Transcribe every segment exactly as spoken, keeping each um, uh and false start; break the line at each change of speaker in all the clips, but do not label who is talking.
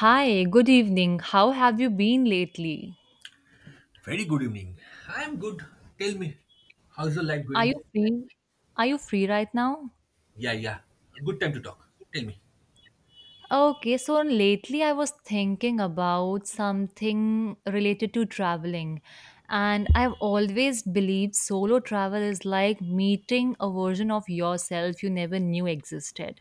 Hi, good evening. How have you been lately?
Very good evening. I am good. Tell me, how's your life
Are
going?
you free? Are you free right now?
Yeah, yeah. Good time to talk. Tell me.
Okay, so lately I was thinking about something related to traveling, and I've always believed solo travel is like meeting a version of yourself you never knew existed.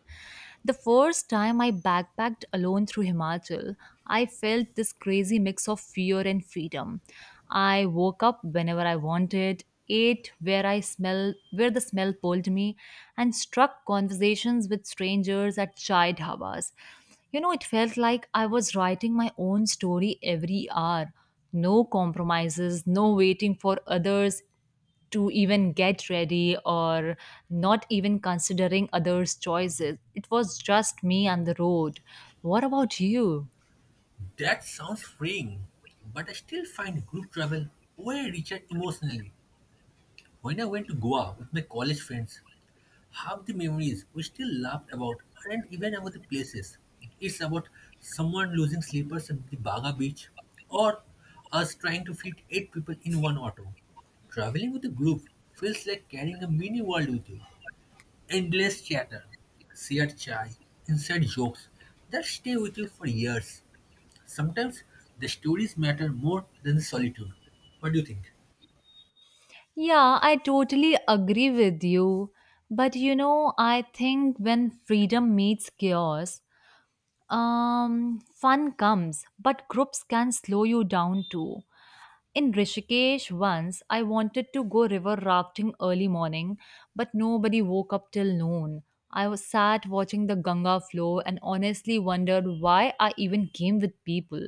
The first time I backpacked alone through Himachal, I felt this crazy mix of fear and freedom. I woke up whenever I wanted, ate where I smell where the smell pulled me, and struck conversations with strangers at chai dhabas. You know, it felt like I was writing my own story every hour. No compromises, no waiting for others to even get ready or not even considering others' choices. It was just me and the road. What about you?
That sounds freeing, but I still find group travel way richer emotionally. When I went to Goa with my college friends, half the memories we still laughed about aren't even about the places. It's about someone losing slippers at the Baga beach or us trying to fit eight people in one auto. Traveling with a group feels like carrying a mini world with you. Endless chatter, shared chai, inside jokes that stay with you for years. Sometimes the stories matter more than the solitude. What do you think?
Yeah, I totally agree with you. But you know, I think when freedom meets chaos, um, fun comes, but groups can slow you down too. In Rishikesh once, I wanted to go river rafting early morning, but nobody woke up till noon. I was sat watching the Ganga flow and honestly wondered why I even came with people.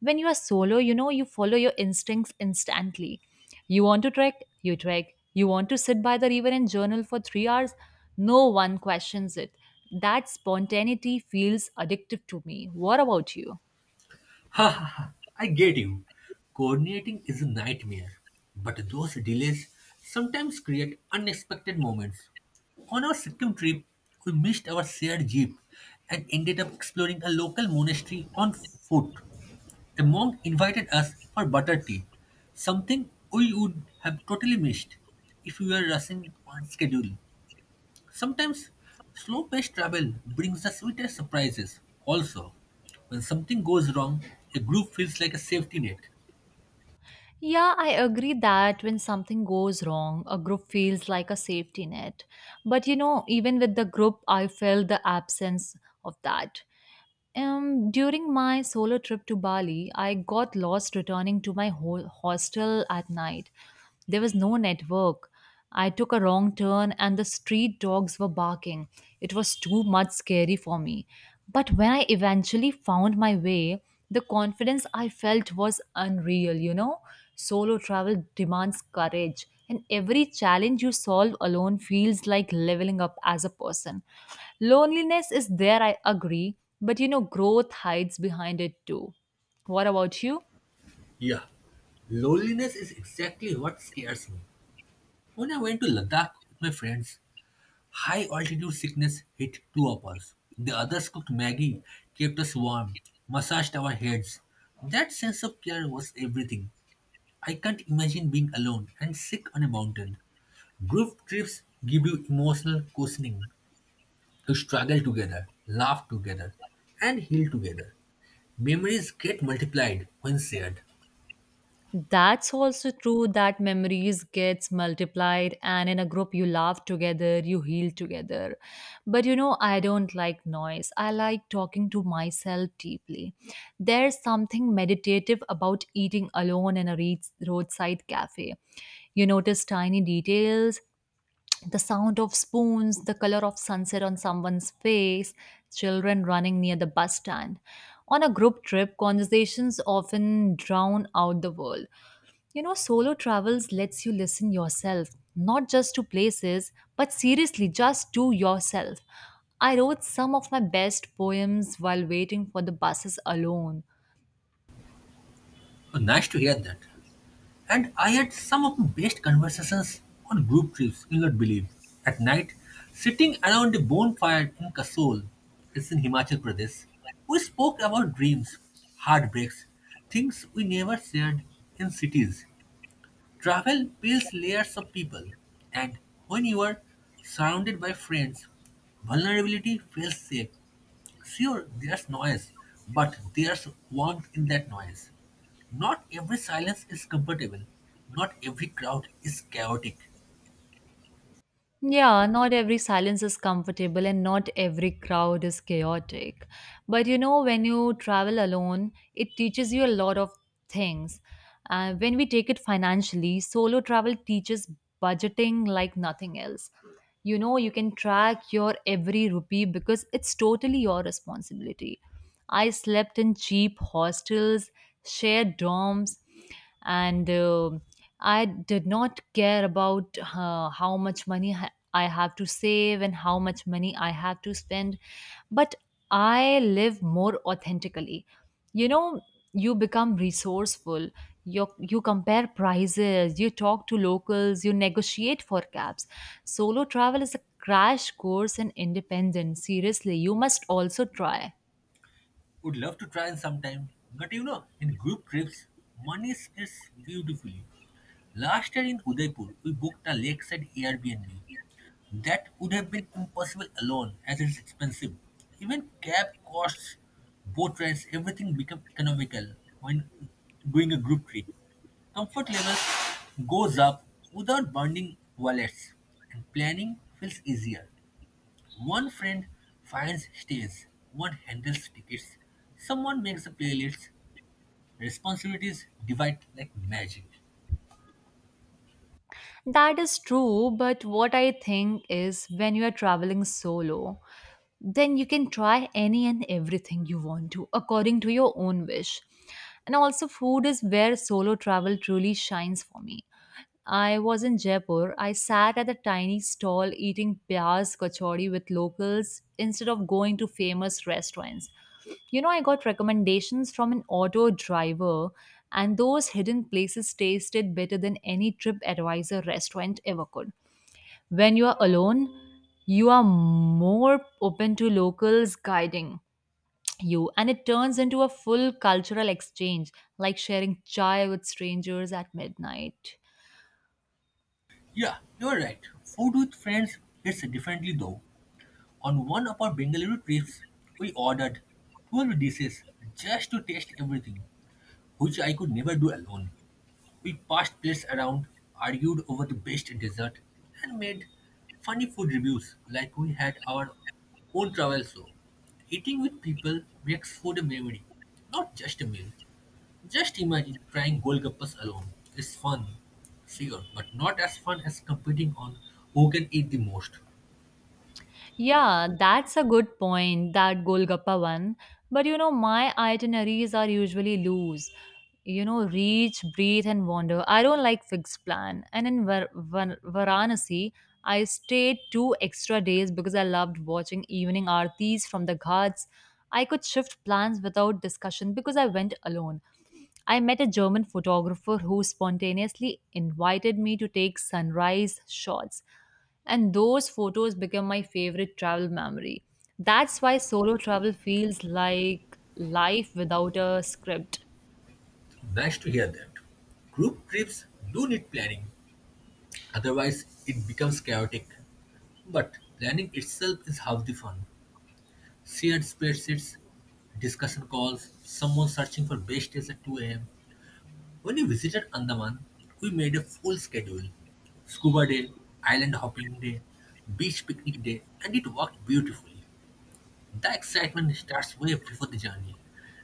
When you are solo, you know you follow your instincts instantly. You want to trek, you trek. You want to sit by the river and journal for three hours, no one questions it. That spontaneity feels addictive to me. What about you?
Ha ha ha, I get you. Coordinating is a nightmare, but those delays sometimes create unexpected moments. On our Sikkim trip, we missed our shared jeep and ended up exploring a local monastery on foot. The monk invited us for butter tea, something we would have totally missed if we were rushing on schedule. Sometimes slow paced travel brings the sweetest surprises. Also, when something goes wrong, a group feels like a safety net.
Yeah, I agree that when something goes wrong, a group feels like a safety net. But you know, even with the group, I felt the absence of that. Um, during my solo trip to Bali, I got lost returning to my ho- hostel at night. There was no network. I took a wrong turn and the street dogs were barking. It was too much scary for me. But when I eventually found my way, the confidence I felt was unreal, you know? Solo travel demands courage and every challenge you solve alone feels like leveling up as a person. Loneliness is there, I agree, but you know, growth hides behind it too. What about you?
Yeah, loneliness is exactly what scares me. When I went to Ladakh with my friends, high altitude sickness hit two of us. The others cooked Maggie, kept us warm, massaged our heads. That sense of care was everything. I can't imagine being alone and sick on a mountain. Group trips give you emotional cushioning. You struggle together, laugh together, and heal together. Memories get multiplied when shared.
That's also true that memories gets multiplied and in a group you laugh together, you heal together. But you know, I don't like noise. I like talking to myself deeply. There's something meditative about eating alone in a re- roadside cafe. You notice tiny details, the sound of spoons, the color of sunset on someone's face, children running near the bus stand. On a group trip, conversations often drown out the world. You know, solo travels lets you listen yourself, not just to places, but seriously, just to yourself. I wrote some of my best poems while waiting for the buses alone.
Oh, nice to hear that. And I had some of the best conversations on group trips, you'll not believe. At night, sitting around a bonfire in Kasol, it's in Himachal Pradesh, we spoke about dreams, heartbreaks, things we never shared in cities. Travel builds layers of people, and when you are surrounded by friends, vulnerability feels safe. Sure, there's noise, but there's warmth in that noise. Not every silence is comfortable. Not every crowd is chaotic.
Yeah, not every silence is comfortable and not every crowd is chaotic. But you know, when you travel alone, it teaches you a lot of things. Uh, when we take it financially, solo travel teaches budgeting like nothing else. You know, you can track your every rupee because it's totally your responsibility. I slept in cheap hostels, shared dorms, and uh, I did not care about uh, how much money ha- I have to save and how much money I have to spend, but I live more authentically. You know, you become resourceful. You, you compare prices, you talk to locals, you negotiate for cabs. Solo travel is a crash course in independence. Seriously, you must also try.
Would love to try in sometime. But you know, in group trips, money is beautifully. Last year in Udaipur, we booked a lakeside Airbnb. That would have been impossible alone, as it's expensive. Even cab costs, boat rides, everything become economical when doing a group trip. Comfort levels goes up without burning wallets, and planning feels easier. One friend finds stays, one handles tickets, someone makes the playlists. Responsibilities divide like magic.
That is true, but what I think is when you are traveling solo, then you can try any and everything you want to according to your own wish. And also, food is where solo travel truly shines for me. I was in Jaipur. I sat at a tiny stall eating pyaz kachori with locals instead of going to famous restaurants. You know, I got recommendations from an auto driver, and those hidden places tasted better than any TripAdvisor restaurant ever could. When you are alone, you are more open to locals guiding you, and it turns into a full cultural exchange, like sharing chai with strangers at midnight.
Yeah, you're right. Food with friends hits differently though. On one of our Bengaluru trips, we ordered twelve dishes just to taste everything, which I could never do alone. We passed plates around, argued over the best dessert, and made funny food reviews like we had our own travel show. Eating with people makes food a memory, not just a meal. Just imagine trying Golgappas alone. It's fun, sure, but not as fun as competing on who can eat the most.
Yeah, that's a good point, that Golgappa one. But you know, my itineraries are usually loose. You know, reach, breathe, and wander. I don't like fixed plan. And in Var- Var- Varanasi, I stayed two extra days because I loved watching evening aartis from the ghats. I could shift plans without discussion because I went alone. I met a German photographer who spontaneously invited me to take sunrise shots, and those photos become my favorite travel memory. That's why solo travel feels like life without a script.
Nice to hear that. Group trips do need planning, otherwise, it becomes chaotic. But planning itself is half the fun. Shared spreadsheets, discussion calls, someone searching for best days at two a m. When we visited Andaman, we made a full schedule scuba day, island hopping day, beach picnic day, and it worked beautifully. The excitement starts way before the journey,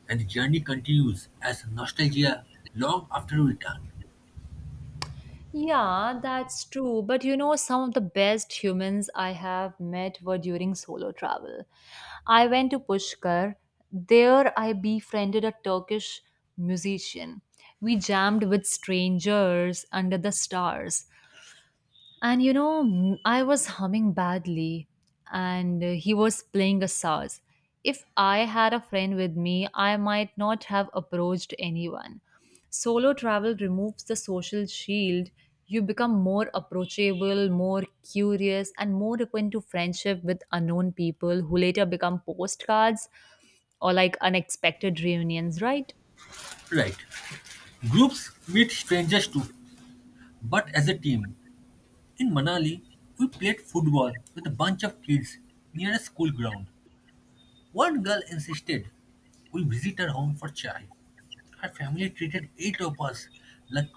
and the journey continues as nostalgia long after we return.
Yeah, that's true. But you know, some of the best humans I have met were during solo travel. I went to Pushkar. There, I befriended a Turkish musician. We jammed with strangers under the stars. And you know, m- I was humming badly and uh, he was playing a saz. If I had a friend with me, I might not have approached anyone. Solo travel removes the social shield. You become more approachable, more curious, and more open to friendship with unknown people who later become postcards or like unexpected reunions, right?
Right. Groups meet strangers too, but as a team. In Manali, we played football with a bunch of kids near a school ground. One girl insisted we visit her home for chai. Her family treated eight of us like,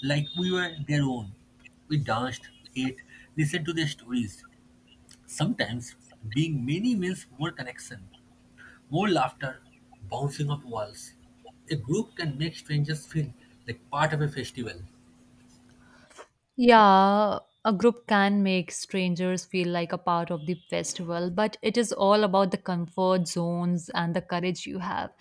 like we were their own. We danced, ate, listened to their stories. Sometimes being many means more connection, more laughter, bouncing off walls. A group can make strangers feel like part of a festival.
Yeah, a group can make strangers feel like a part of the festival, but it is all about the comfort zones and the courage you have.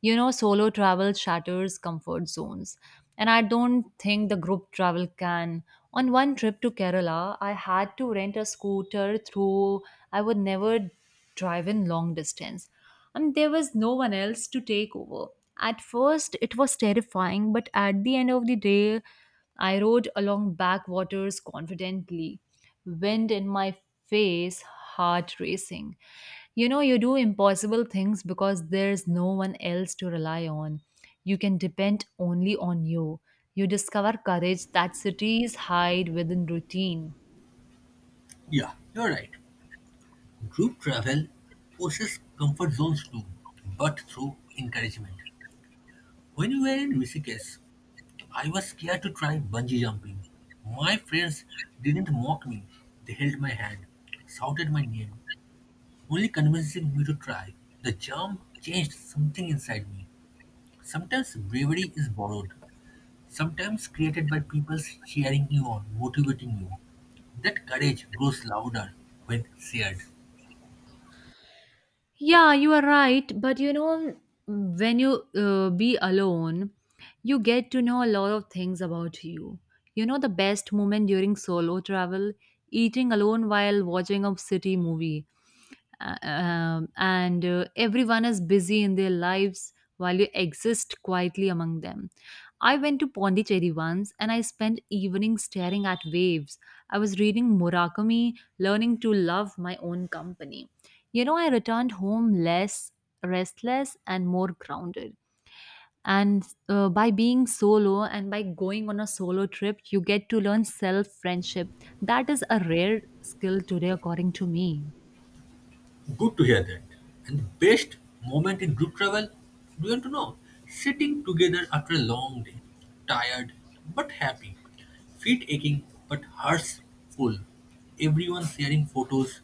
You know, solo travel shatters comfort zones. And I don't think the group travel can. On one trip to Kerala, I had to rent a scooter through, I would never drive in long distance. And there was no one else to take over. At first, it was terrifying, but at the end of the day, I rode along backwaters confidently, wind in my face, heart racing. You know, you do impossible things because there's no one else to rely on. You can depend only on you. You discover courage that cities hide within routine.
Yeah, you're right. Group travel poses comfort zones too, but through encouragement. When we were in Rishikesh, I was scared to try bungee jumping. My friends didn't mock me, they held my hand, shouted my name, only convincing me to try. The jump changed something inside me. Sometimes bravery is borrowed, sometimes created by people cheering you on, motivating you. That courage grows louder when shared.
Yeah, you are right. But you know, when you uh, be alone, you get to know a lot of things about you. You know, the best moment during solo travel, eating alone while watching a city movie, uh, um, and uh, everyone is busy in their lives while you exist quietly among them. I went to Pondicherry once and I spent evenings staring at waves. I was reading Murakami, learning to love my own company. You know, I returned home less restless and more grounded. And uh, by being solo and by going on a solo trip, you get to learn self friendship. That is a rare skill today, according to me.
Good to hear that. And the best moment in group travel, do you want to know? Sitting together after a long day, tired but happy, feet aching but hearts full. Everyone sharing photos,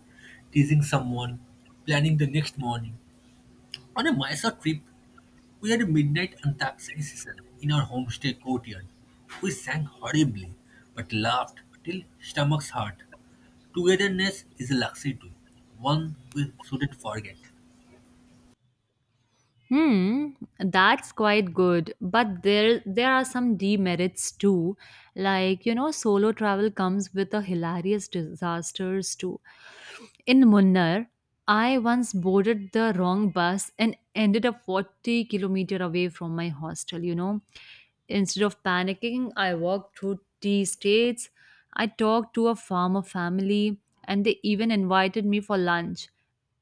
teasing someone, planning the next morning. On a Mysore trip, we had a midnight antakshari session in our homestay courtyard. We sang horribly but laughed till stomachs hurt. Togetherness is a luxury too, one we shouldn't forget.
Hmm, that's quite good, but there there are some demerits too. Like, you know, solo travel comes with a hilarious disasters too. In Munnar, I once boarded the wrong bus and ended up forty kilometer away from my hostel, you know. Instead of panicking, I walked through tea states. I talked to a farmer family, and they even invited me for lunch.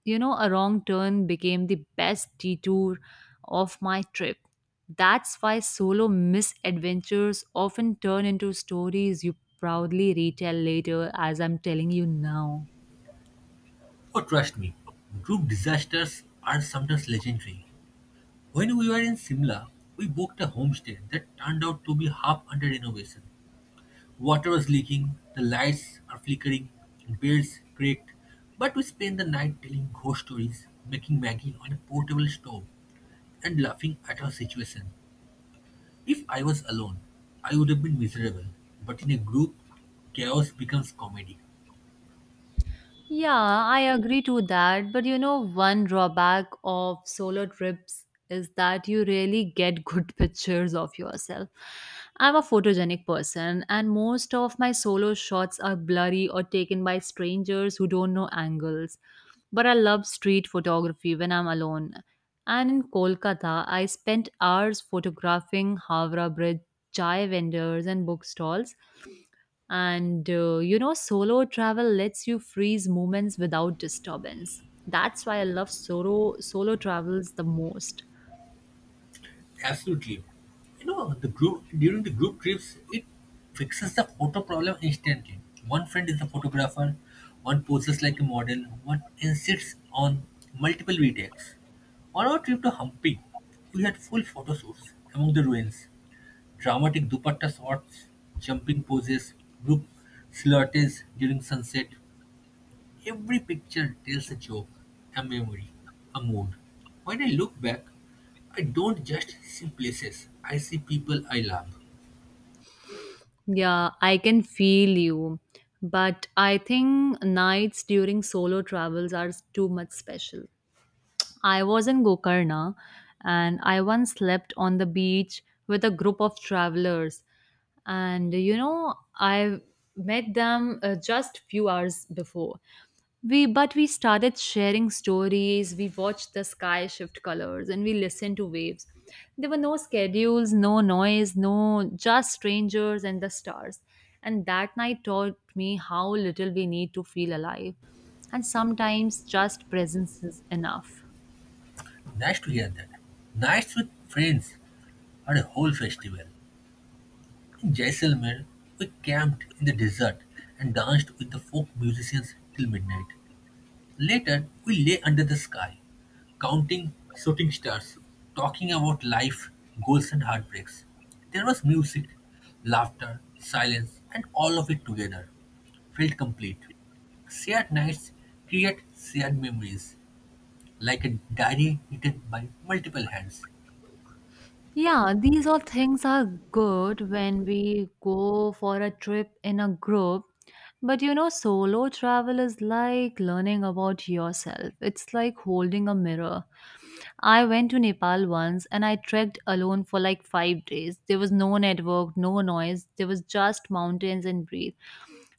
You know, a wrong turn became the best detour of my trip. That's why solo misadventures often turn into stories you proudly retell later, as I'm telling you now.
Oh, trust me, group disasters are sometimes legendary. When we were in Simla, we booked a homestay that turned out to be half under renovation. Water was leaking, the lights are flickering, beds cracked, but we spent the night telling ghost stories, making Maggie on a portable stove, and laughing at our situation. If I was alone, I would have been miserable, but in a group, chaos becomes comedy.
Yeah, I agree to that. But you know, one drawback of solo trips is that you really get good pictures of yourself. I'm a photogenic person, and most of my solo shots are blurry or taken by strangers who don't know angles. But I love street photography when I'm alone. And in Kolkata, I spent hours photographing Havra Bridge, chai vendors, and bookstalls and uh, you know, solo travel lets you freeze moments without disturbance. That's why I love solo solo travels the most.
Absolutely. You know, the group during the group trips, it fixes the photo problem instantly. One friend is the photographer, one poses like a model, one insists on multiple retakes. On our trip to Hampi, we had full photo shoots among the ruins, dramatic dupatta shots, jumping poses, group silhouettes during sunset. Every picture tells a joke, a memory, a mood. When I look back, I don't just see places, I see people I love.
Yeah, I can feel you. But I think nights during solo travels are too much special. I was in Gokarna and I once slept on the beach with a group of travelers, and you know I met them uh, just few hours before we but we started sharing stories. We watched the sky shift colors and we listened to waves. There were no schedules, no noise, no, just strangers and the stars. And that night taught me how little we need to feel alive, and sometimes just presence is enough.
Nice to hear that. Nights with friends are a whole festival. In Jaisalmer, we camped in the desert and danced with the folk musicians till midnight. Later, we lay under the sky, counting shooting stars, talking about life, goals, and heartbreaks. There was music, laughter, silence, and all of it together felt complete. Shared nights create shared memories, like a diary written by multiple hands.
Yeah, these all things are good when we go for a trip in a group. But you know, solo travel is like learning about yourself. It's like holding a mirror. I went to Nepal once and I trekked alone for like five days. There was no network, no noise, there was just mountains and breathe.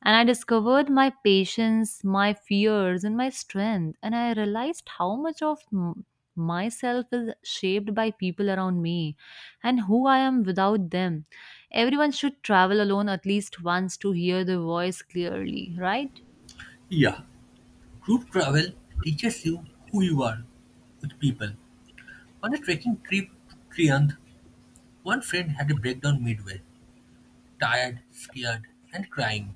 And I discovered my patience, my fears, and my strength. And I realized how much of m- myself is shaped by people around me and who I am without them. Everyone should travel alone at least once to hear the voice clearly, right?
Yeah, group travel teaches you who you are with people. On a trekking trip to Trianth, one friend had a breakdown midway, tired, scared, and crying.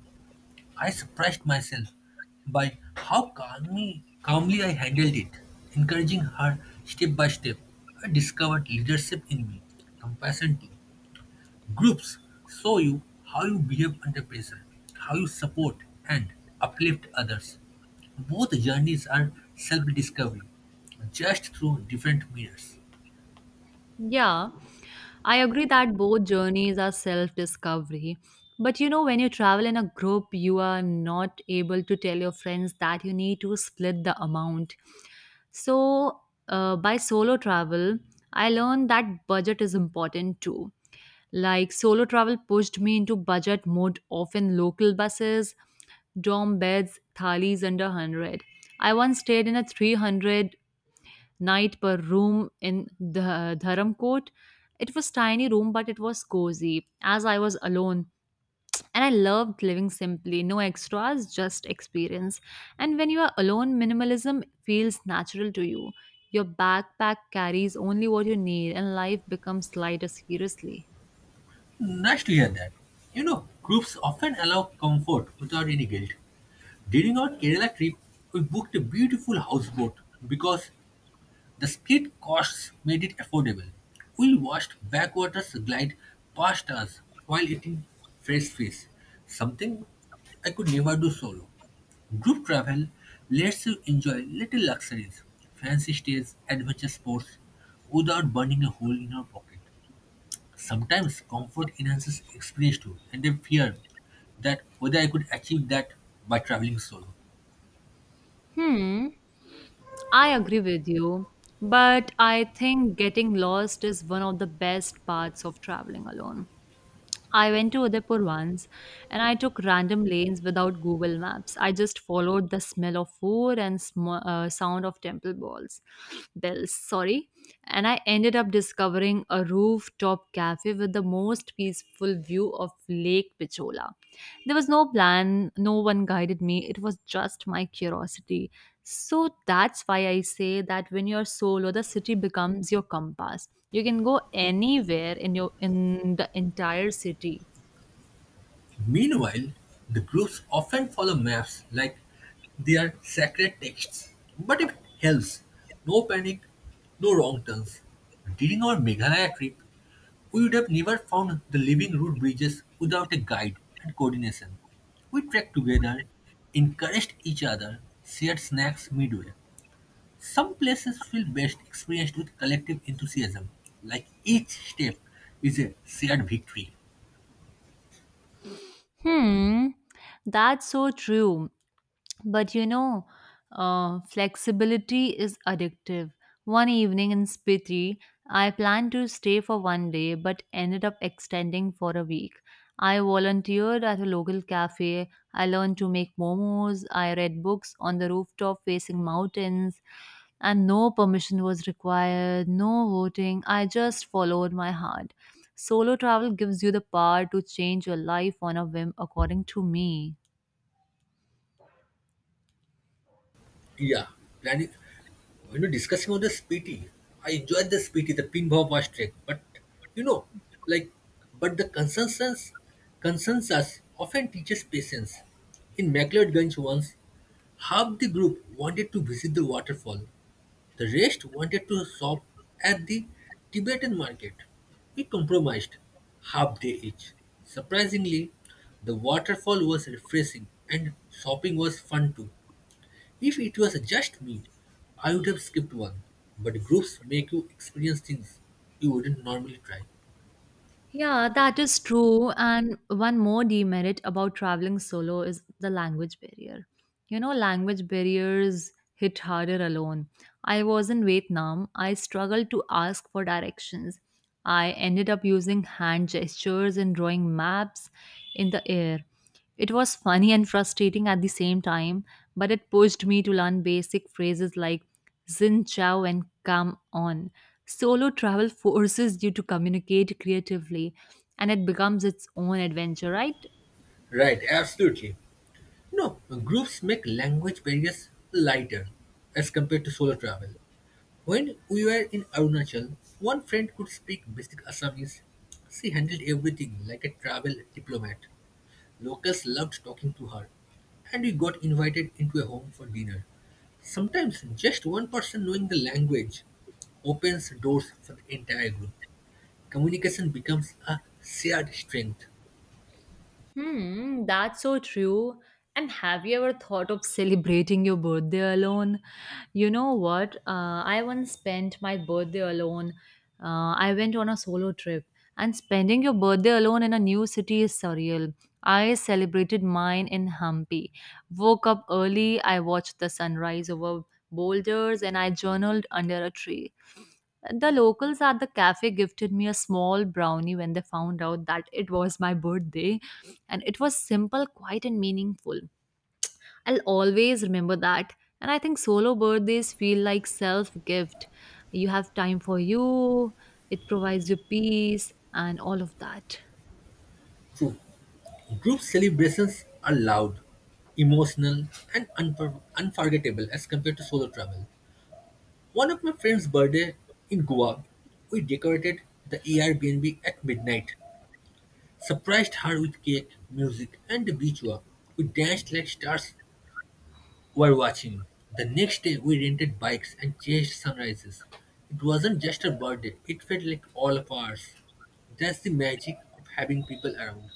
I surprised myself by how calmly, calmly I handled it, encouraging her step by step. I discovered leadership in me, compassion too. Groups show you how you behave under pressure, how you support and uplift others. Both journeys are self discovery, just through different mirrors.
Yeah, I agree that both journeys are self discovery. But you know, when you travel in a group, you are not able to tell your friends that you need to split the amount. So, uh, by solo travel, I learned that budget is important too. Like, solo travel pushed me into budget mode, often local buses, dorm beds, thalis under one hundred. I once stayed in a three hundred night per room in the Dharamkot. It was tiny room, but it was cozy as I was alone. And I loved living simply, no extras, just experience. And when you are alone, minimalism feels natural to you. Your backpack carries only what you need, and life becomes lighter seriously.
Nice to hear that. You know, groups often allow comfort without any guilt. During our Kerala trip, we booked a beautiful houseboat because the split costs made it affordable. We watched backwaters glide past us while eating fresh fish, something I could never do solo. Group travel lets you enjoy little luxuries, fancy stays, adventure sports without burning a hole in your pocket. Sometimes comfort enhances experience too, and I fear that whether I could achieve that by traveling solo.
Hmm, I agree with you, but I think getting lost is one of the best parts of traveling alone. I went to Udaipur once and I took random lanes without Google Maps. I just followed the smell of food and sm- uh, sound of temple bells. Bells, sorry. And I ended up discovering a rooftop cafe with the most peaceful view of Lake Pichola. There was no plan, no one guided me. It was just my curiosity. So that's why I say that when you're solo, the city becomes your compass. You can go anywhere in your in the entire city.
Meanwhile, the groups often follow maps like they are sacred texts. But if it helps, no panic, no wrong turns. During our Meghalaya trip, we would have never found the living road bridges without a guide and coordination. We trekked together, encouraged each other, shared snacks midway. Some places feel best experienced with collective enthusiasm, like each step is a shared victory.
Hmm, that's so true. But you know, uh, flexibility is addictive. One evening in Spiti, I planned to stay for one day but ended up extending for a week. I volunteered at a local cafe. I learned to make momos. I read books on the rooftop facing mountains. And no permission was required, no voting. I just followed my heart. Solo travel gives you the power to change your life on a whim, according to me.
Yeah, planning. When we're discussing on the spiti, I enjoyed the spiti, the pinball was trek. But you know, like, but the consensus, consensus often teaches patience. In McLeodganj once, half the group wanted to visit the waterfall. The rest wanted to shop at the Tibetan market. We compromised, half day each. Surprisingly, the waterfall was refreshing and shopping was fun too. If it was just me, I would have skipped one. But groups make you experience things you wouldn't normally try.
Yeah, that is true. And one more demerit about traveling solo is the language barrier. You know, language barriers hit harder alone. I was in Vietnam. I struggled to ask for directions. I ended up using hand gestures and drawing maps in the air. It was funny and frustrating at the same time, but it pushed me to learn basic phrases like Xin Chao and Come On. Solo travel forces you to communicate creatively, and it becomes its own adventure, right?
Right, absolutely. No, groups make language barriers lighter as compared to solo travel. When we were in Arunachal, one friend could speak basic Assamese. She handled everything like a travel diplomat. Locals loved talking to her, and we got invited into a home for dinner. Sometimes just one person knowing the language opens doors for the entire group. Communication becomes a shared strength.
Hmm, that's so true. And have you ever thought of celebrating your birthday alone? You know what? Uh, I once spent my birthday alone. Uh, I went on a solo trip, and spending your birthday alone in a new city is surreal. I celebrated mine in Hampi. Woke up early, I watched the sunrise over boulders, and I journaled under a tree. The locals at the cafe gifted me a small brownie when they found out that it was my birthday, and it was simple, quiet, and meaningful. I'll always remember that. And I think solo birthdays feel like self gift. You have time for you, it provides you peace, and all of that.
True. Group celebrations are loud, emotional, and unfor- unforgettable as compared to solo travel. One of my friend's birthday in Goa, we decorated the Airbnb at midnight. Surprised her with cake, music, and a beach walk. We danced like stars were watching. The next day, we rented bikes and chased sunrises. It wasn't just her birthday, it felt like all of ours. That's the magic of having people around.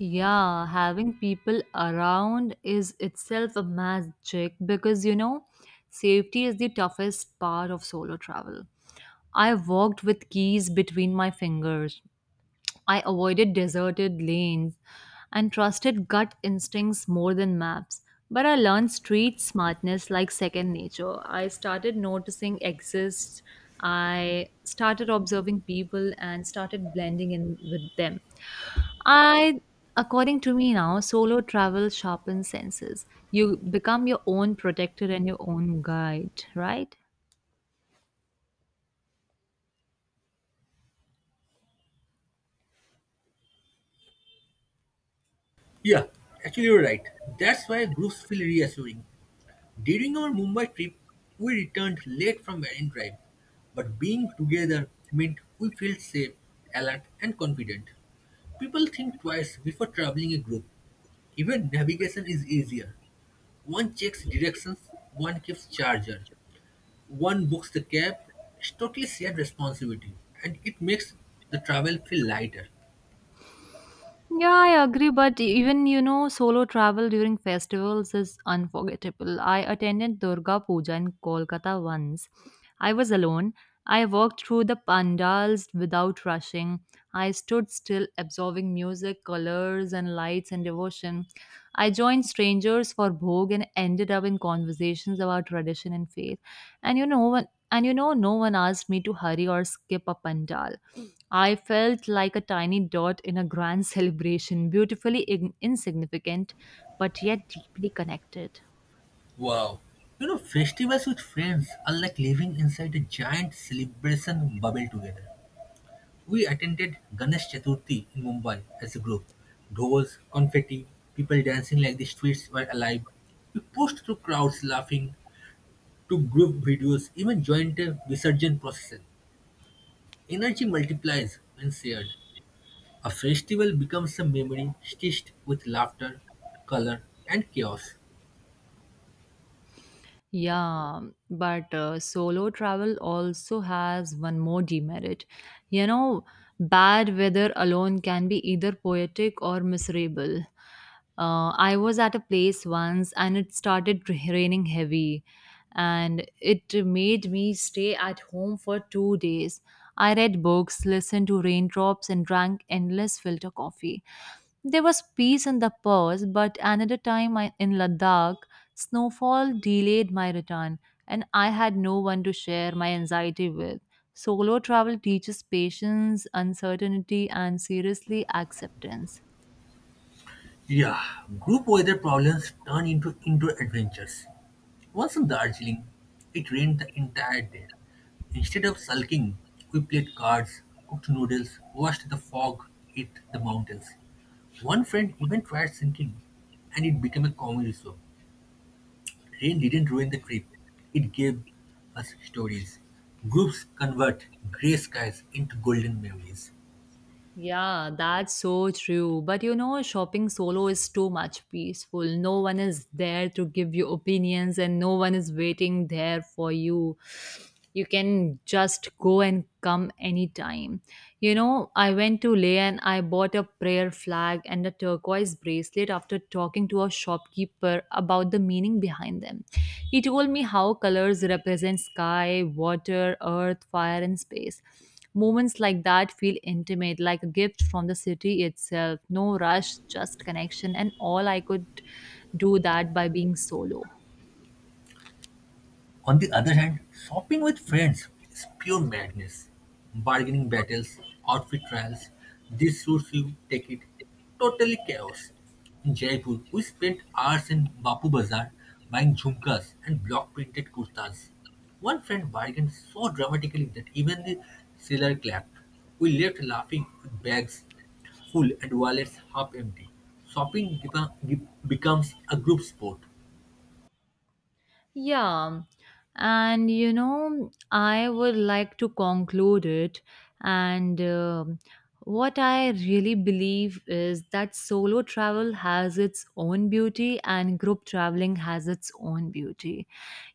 Yeah, having people around is itself a magic, because you know, safety is the toughest part of solo travel. I walked with keys between my fingers. I avoided deserted lanes and trusted gut instincts more than maps. But I learned street smartness like second nature. I started noticing exists. I started observing people and started blending in with them. I, according to me now, solo travel sharpens senses. You become your own protector and your own guide, right?
Yeah, actually, you're right. That's why groups feel reassuring. During our Mumbai trip, we returned late from Marine Drive, but being together meant we felt safe, alert, and confident. People think twice before traveling a group. Even navigation is easier. One checks directions, one keeps charger, one books the cab. It's totally shared responsibility and it makes the travel feel lighter.
Yeah, I agree, but even you know, solo travel during festivals is unforgettable. I attended Durga Puja in Kolkata once. I was alone. I walked through the pandals without rushing. I stood still, absorbing music, colors, and lights and devotion. I joined strangers for bhog and ended up in conversations about tradition and faith. And you know, one- and you know, no one asked me to hurry or skip a pandal. I felt like a tiny dot in a grand celebration, beautifully in- insignificant, but yet deeply connected.
Wow. You know, festivals with friends are like living inside a giant celebration bubble together. We attended Ganesh Chaturthi in Mumbai as a group. Dolls, confetti, people dancing like the streets were alive. We pushed through crowds laughing, took group videos, even joined a Visarjan procession. Energy multiplies when shared. A festival becomes a memory stitched with laughter, color, and chaos.
Yeah, but uh, solo travel also has one more demerit. You know, bad weather alone can be either poetic or miserable. Uh, I was at a place once and it started r- raining heavy, and it made me stay at home for two days. I read books, listened to raindrops, and drank endless filter coffee. There was peace in the pause, but another time I, in Ladakh, snowfall delayed my return, and I had no one to share my anxiety with. Solo travel teaches patience, uncertainty, and seriously acceptance.
Yeah, group weather problems turn into indoor adventures. Once in Darjeeling, it rained the entire day. Instead of sulking, we played cards, cooked noodles, watched the fog hit the mountains. One friend even tried sinking, and it became a comedy show. Rain didn't ruin the trip, it gave us stories. Groups convert gray skies into golden memories.
Yeah, that's so true. But you know, shopping solo is too much peaceful. No one is there to give you opinions and no one is waiting there for you. You can just go and come anytime. You know, I went to Leh and I bought a prayer flag and a turquoise bracelet after talking to a shopkeeper about the meaning behind them. He told me how colors represent sky, water, earth, fire, and space. Moments like that feel intimate, like a gift from the city itself. No rush, just connection, and all I could do that by being solo.
On the other hand, shopping with friends is pure madness. Bargaining battles, outfit trials, this suits you, take it. Totally chaos. In Jaipur, we spent hours in Bapu Bazaar buying jhumkas and block printed kurtas. One friend bargained so dramatically that even the seller clapped. We left laughing with bags full and wallets half empty. Shopping beca- becomes a group sport.
Yeah. And you know, I would like to conclude it. And um what I really believe is that solo travel has its own beauty and group traveling has its own beauty.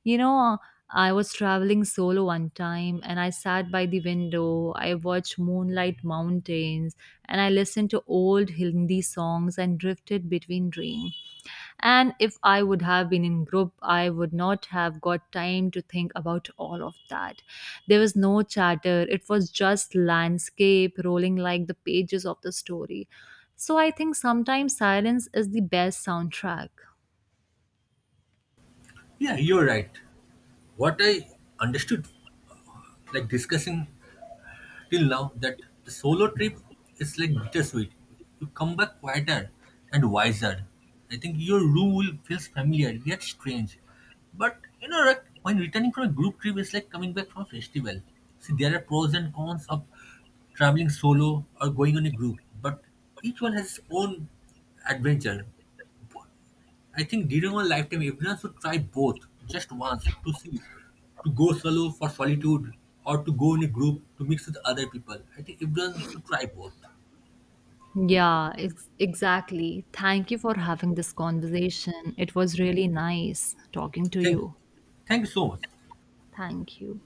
You know, uh, I was traveling solo one time and I sat by the window. I watched moonlight mountains and I listened to old Hindi songs and drifted between dreams. And if I would have been in group, I would not have got time to think about all of that. There was no chatter, it was just landscape rolling like the pages of the story. So I think sometimes silence is the best soundtrack.
Yeah, you're right. What I understood like discussing till now that the solo trip is like bittersweet. You come back quieter and wiser. I think your room will feel familiar yet strange. But you know, like, when returning from a group trip, it's like coming back from a festival. See, there are pros and cons of traveling solo or going on a group, but each one has its own adventure. I think during one lifetime, everyone should try both just once to see, to go solo for solitude or to go in a group to mix with other people. I think everyone should try both.
Yeah, ex- exactly. Thank you for having this conversation. It was really nice talking to
Thank you.
you.
Thank you so much.
Thank you.